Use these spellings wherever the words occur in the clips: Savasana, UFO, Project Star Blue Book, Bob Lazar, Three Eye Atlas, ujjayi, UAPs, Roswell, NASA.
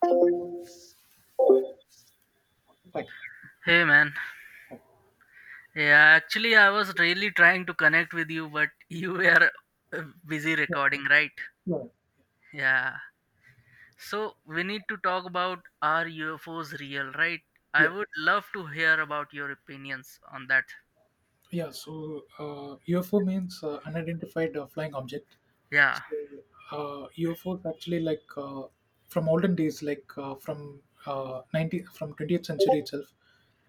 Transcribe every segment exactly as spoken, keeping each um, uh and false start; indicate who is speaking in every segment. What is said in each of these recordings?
Speaker 1: Fine.
Speaker 2: Hey man, yeah, actually, I was really trying to connect with you, but you were uh, busy recording, right? Yeah, so we need to talk about are U F Os real, right? I
Speaker 1: Yeah,
Speaker 2: would love to hear about your opinions on that.
Speaker 1: yeah. So uh, U F O means uh, unidentified uh, flying object.
Speaker 2: Yeah,
Speaker 1: So uh, U F O's actually, like, uh, from olden days, like, uh, from uh, 90 from twentieth century itself,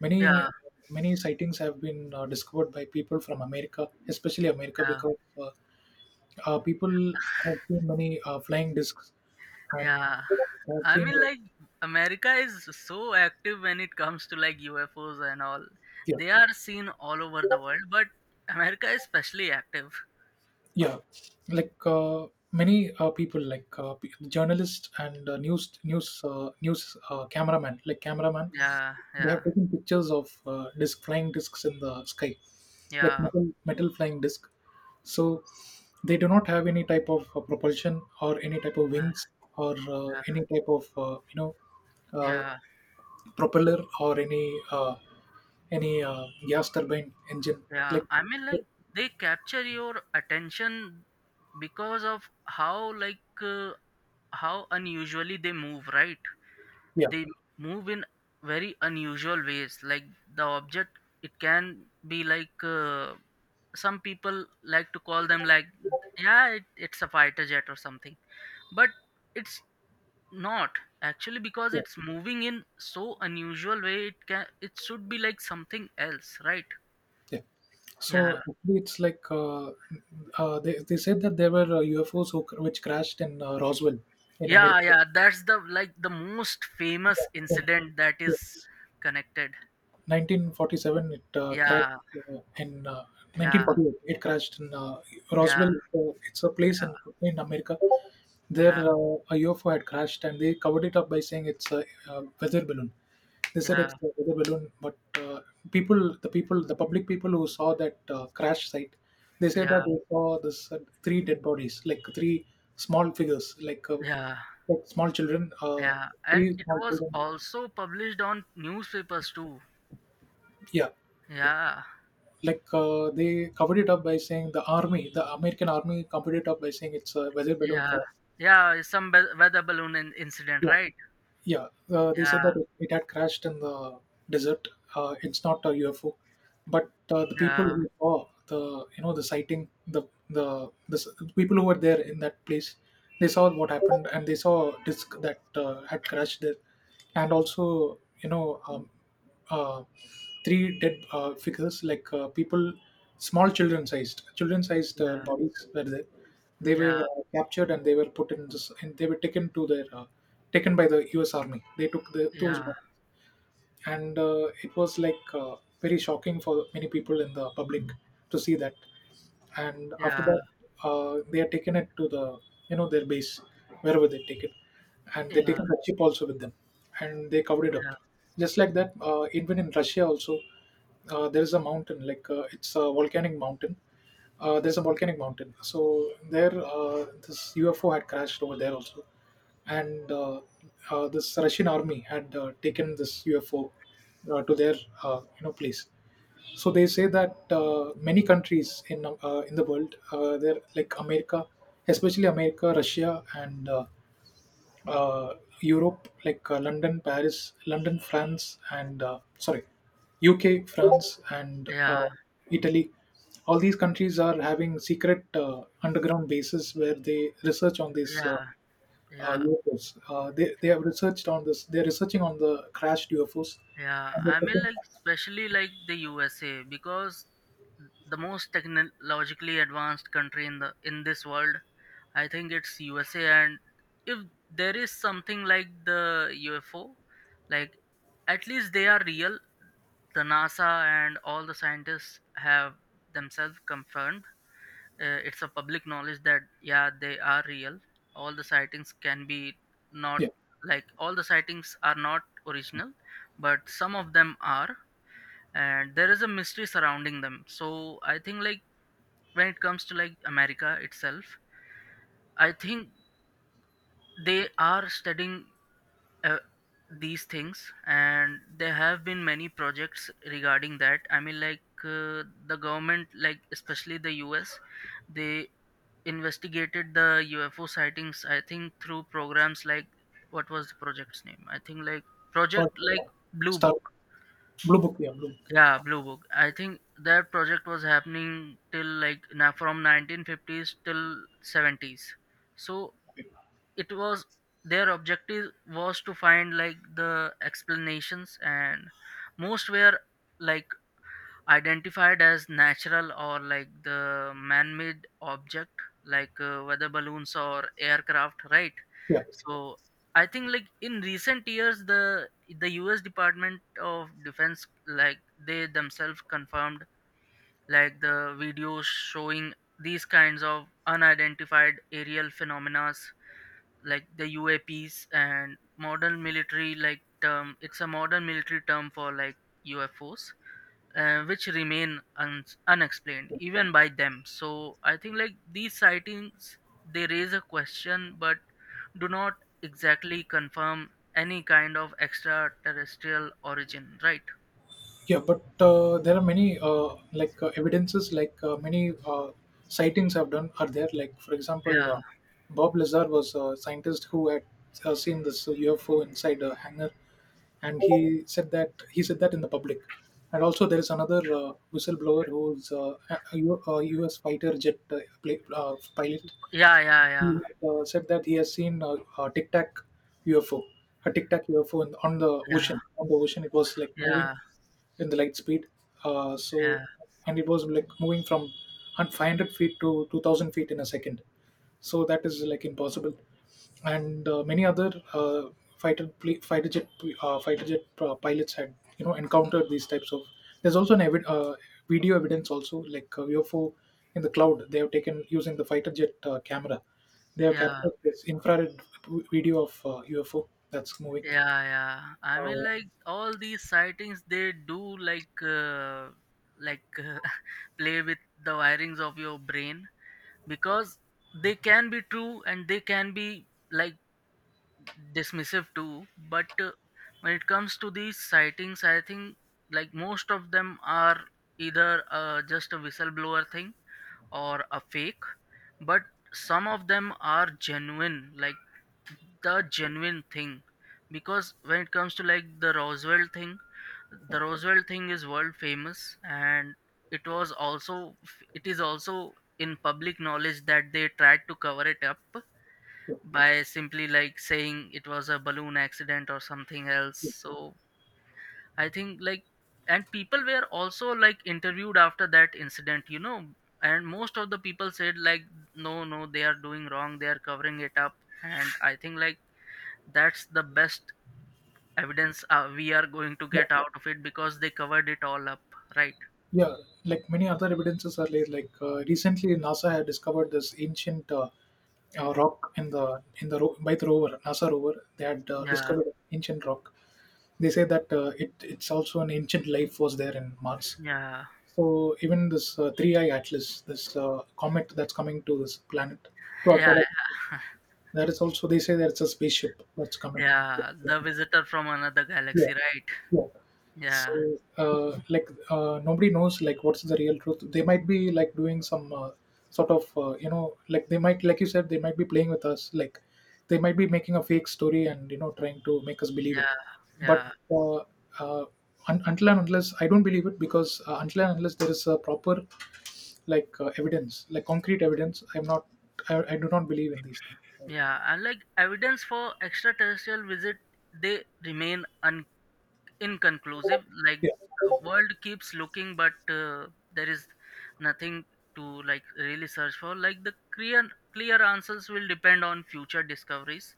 Speaker 1: many
Speaker 2: yeah,
Speaker 1: many sightings have been uh, discovered by people from America, especially America,
Speaker 2: yeah,
Speaker 1: because uh, uh, people have seen many uh, flying discs and
Speaker 2: yeah.
Speaker 1: have
Speaker 2: I
Speaker 1: seen
Speaker 2: mean,
Speaker 1: like.
Speaker 2: like, America is so active when it comes to like U F Os and all,
Speaker 1: Yeah,
Speaker 2: they are seen all over the world, but America is especially active.
Speaker 1: yeah. Like, uh, many uh, people, like, uh, p- journalists and uh, news news uh, news uh, cameraman like cameraman,
Speaker 2: Yeah,
Speaker 1: they have
Speaker 2: yeah,
Speaker 1: taken pictures of uh, disc flying discs in the sky, like
Speaker 2: yeah,
Speaker 1: metal, metal flying disc. So they do not have any type of uh, propulsion or any type of
Speaker 2: yeah,
Speaker 1: wings, or uh,
Speaker 2: yeah.
Speaker 1: any type of, uh, you know uh,
Speaker 2: Yeah,
Speaker 1: propeller, or any uh, any uh, gas turbine engine,
Speaker 2: yeah.
Speaker 1: like.
Speaker 2: I mean, like they capture your attention because of how like uh, how unusually they move, right?
Speaker 1: Yeah,
Speaker 2: They move in very unusual ways. Like the object, it can be like uh, some people like to call them like, yeah, it, it's a fighter jet or something, but it's not actually because
Speaker 1: yeah,
Speaker 2: it's moving in so unusual way. It can it should be like something else, right?
Speaker 1: yeah. So
Speaker 2: Yeah.
Speaker 1: it's like, uh, uh, they they said that there were uh, U F O's who, which crashed in uh, Roswell in
Speaker 2: Yeah,
Speaker 1: America.
Speaker 2: yeah, that's the like the most famous incident that is connected
Speaker 1: nineteen forty-seven it uh,
Speaker 2: yeah
Speaker 1: crashed, uh, in, uh,
Speaker 2: yeah
Speaker 1: nineteen forty-eight it crashed in uh,
Speaker 2: yeah
Speaker 1: Roswell. Uh, it's a place in
Speaker 2: yeah
Speaker 1: in America. There,
Speaker 2: yeah
Speaker 1: uh, a U F O had crashed, and they covered it up by saying it's a, uh weather balloon. They said
Speaker 2: yeah
Speaker 1: it's a weather balloon, but uh, people, the people, the public people who saw that uh, crash site, they said that
Speaker 2: yeah
Speaker 1: they saw this uh, three dead bodies, like three small figures, like, uh,
Speaker 2: yeah
Speaker 1: like small children, uh,
Speaker 2: yeah
Speaker 1: three
Speaker 2: And it
Speaker 1: small
Speaker 2: was
Speaker 1: children.
Speaker 2: also published on newspapers too.
Speaker 1: Yeah, yeah.
Speaker 2: yeah
Speaker 1: Like, uh, they covered it up by saying the army, the American army, covered it up by saying it's a weather balloon
Speaker 2: yeah
Speaker 1: crash.
Speaker 2: yeah some be- weather balloon in- incident,
Speaker 1: Yeah.
Speaker 2: right?
Speaker 1: Yeah, uh, they said
Speaker 2: Yeah,
Speaker 1: that it, it had crashed in the desert. Uh, it's not a U F O, but uh, the people
Speaker 2: yeah,
Speaker 1: who saw the you know the sighting, the the the s- the people who were there in that place, they saw what happened, and they saw a disc that uh, had crashed there, and also, you know um, uh, three dead uh, figures, like, uh, people, small children sized, children sized uh,
Speaker 2: yeah,
Speaker 1: bodies were there. They were
Speaker 2: yeah,
Speaker 1: uh, captured, and they were put in this, and they were taken to their, uh, taken by the U S. Army. They took the, those
Speaker 2: yeah,
Speaker 1: bodies, and uh, it was, like, uh, very shocking for many people in the public to see that. And after
Speaker 2: yeah,
Speaker 1: that, uh, they are taken it to the you know their base, wherever they take it, and they
Speaker 2: yeah,
Speaker 1: taken the chip also with them, and they covered it
Speaker 2: yeah,
Speaker 1: up, just like that. Uh, even in Russia also, uh, there is a mountain, like, uh, it's a volcanic mountain, uh, there's a volcanic mountain, so there, uh, this UFO had crashed over there also. And uh, uh, this Russian army had uh, taken this U F O uh, to their, uh, you know place. So they say that uh, many countries in, uh, in the world, uh, they're like America, especially America, Russia, and uh, uh, Europe, like, uh, London, Paris, London, France, and, uh, sorry, U K, France, and uh,
Speaker 2: yeah,
Speaker 1: Italy. All these countries are having secret uh, underground bases where they research on these uh,
Speaker 2: yeah,
Speaker 1: uh,
Speaker 2: yeah,
Speaker 1: U F O's. Uh, they, they have researched on this. They're researching on the crashed U F O's.
Speaker 2: yeah.
Speaker 1: And they're
Speaker 2: I mean,
Speaker 1: checking,
Speaker 2: like especially like the USA, because the most technologically advanced country in the in this world, I think it's USA. And if there is something like the UFO, like, at least they are real. The NASA and all the scientists have themselves confirmed, uh, it's a public knowledge that yeah they are real. All the sightings can be not,
Speaker 1: yeah,
Speaker 2: like, all the sightings are not original, but some of them are, and there is a mystery surrounding them. So I think, like, when it comes to like America itself, I think they are studying uh, these things, and there have been many projects regarding that. I mean, like uh, the government, like especially the US, they investigated the UFO sightings, I think, through programs like, what was the project's name, I think, like project,
Speaker 1: Project
Speaker 2: like Blue
Speaker 1: Star
Speaker 2: Book.
Speaker 1: Blue Book. Yeah, Blue Book.
Speaker 2: Yeah, Blue Book, I think that project was happening till like na from nineteen fifties till seventies. So it was, their objective was to find like the explanations, and most were like identified as natural or like the man-made object, like uh, weather balloons or aircraft, right?
Speaker 1: Yeah.
Speaker 2: So I think, like, in recent years, the the US Department of Defense, like, they themselves confirmed, like, the videos showing these kinds of unidentified aerial phenomena, like the U A Ps, and modern military like term. It's a modern military term for like U F Os, uh, which remain un- unexplained even by them. So I think like these sightings, they raise a question, but do not exactly confirm any kind of extraterrestrial origin, right?
Speaker 1: Yeah, but uh, there are many uh, like, uh, evidences, like, uh, many uh, sightings have done are there. Like, for example,
Speaker 2: Yeah.
Speaker 1: uh, Bob Lazar was a scientist who had uh, seen this U F O inside a hangar, and he said that, he said that in the public. And also, there is another uh, whistleblower who's uh, a a U- a U S fighter jet uh, pla- uh, pilot.
Speaker 2: Yeah. Yeah.
Speaker 1: He uh, said that he has seen a, a tic tac U F O, a tic tac U F O in, on the
Speaker 2: Yeah. Yeah.
Speaker 1: ocean. On the ocean, it was like moving
Speaker 2: Yeah.
Speaker 1: in the light speed. Uh, so,
Speaker 2: Yeah.
Speaker 1: and it was like moving from hun- five hundred feet to two thousand feet in a second. So that is like impossible. And uh, many other uh, fighter pl- fighter jet uh, fighter jet uh, pilots had you know encountered these types of. There's also an evi- uh, video evidence also, like, uh, U F O in the cloud. They have taken, using the fighter jet uh, camera, they have
Speaker 2: Yeah.
Speaker 1: captured this infrared v- video of uh, U F O that's moving.
Speaker 2: Yeah, yeah. I mean,
Speaker 1: Uh,
Speaker 2: like, all these sightings, they do like uh, like uh, play with the wirings of your brain, because they can be true and they can be like dismissive too. But uh, when it comes to these sightings, I think, like, most of them are either uh, just a whistleblower thing or a fake, but some of them are genuine. Like the genuine thing, because when it comes to like the Roswell thing, the Roswell thing is world famous, and it was also it is also in public knowledge that they tried to cover it up by simply like saying it was a balloon accident or something else. So I think like, and people were also like interviewed after that incident, you know, and most of the people said like, no no they are doing wrong, they are covering it up. And I think like that's the best evidence, uh, we are going to
Speaker 1: yeah,
Speaker 2: get out of it because they covered it all up, right?
Speaker 1: yeah, like many other evidences are laid. Like, uh, recently, NASA had discovered this ancient uh, uh, rock in the in the ro- by the rover, NASA rover. They had uh,
Speaker 2: yeah
Speaker 1: discovered an ancient rock. They say that uh, it it's also an ancient life was there in Mars.
Speaker 2: yeah
Speaker 1: So even this uh, Three Eye Atlas, this uh, comet that's coming to this planet, to our
Speaker 2: yeah
Speaker 1: planet, that is also, they say that it's a spaceship that's coming.
Speaker 2: yeah the visitor from another
Speaker 1: Yeah,
Speaker 2: galaxy, right?
Speaker 1: yeah. So
Speaker 2: yeah
Speaker 1: uh, like, uh, nobody knows like what's the real truth. They might be like doing some uh, sort of uh, you know like they might, like you said, they might be playing with us, like they might be making a fake story, and you know trying to make us believe
Speaker 2: yeah
Speaker 1: it, but
Speaker 2: yeah
Speaker 1: uh, uh, un- until and unless I don't believe it, because uh, until and unless there is a proper, like, uh, evidence, like concrete evidence, I'm not. I, I do not believe in these things. Like.
Speaker 2: yeah and like, evidence for extraterrestrial visit, they remain un. inconclusive. Like,
Speaker 1: Yeah,
Speaker 2: the world keeps looking, but uh, there is nothing to like really search for. Like the clear clear answers will depend on future discoveries.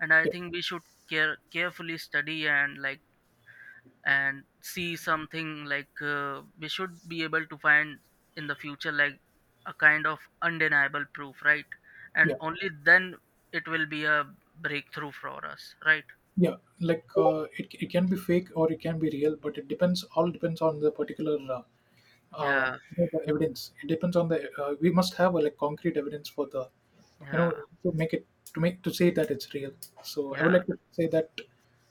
Speaker 2: And I
Speaker 1: yeah,
Speaker 2: think we should care carefully study and like, and see something like uh, we should be able to find in the future like a kind of undeniable proof, right? And
Speaker 1: yeah.
Speaker 2: only then it will be a breakthrough for us, right?
Speaker 1: Yeah, like, uh, it, it can be fake or it can be real, but it depends. All depends on the particular uh, uh,
Speaker 2: yeah
Speaker 1: you know, the evidence. It depends on the. Uh, we must have a, like, concrete evidence for the, you know,
Speaker 2: yeah
Speaker 1: to make it to make, to say that it's real. So I would
Speaker 2: yeah
Speaker 1: like to say that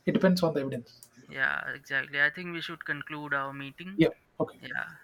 Speaker 1: it depends on the evidence.
Speaker 2: Yeah, exactly. I think we should conclude our meeting.
Speaker 1: Yeah. Okay.
Speaker 2: Yeah.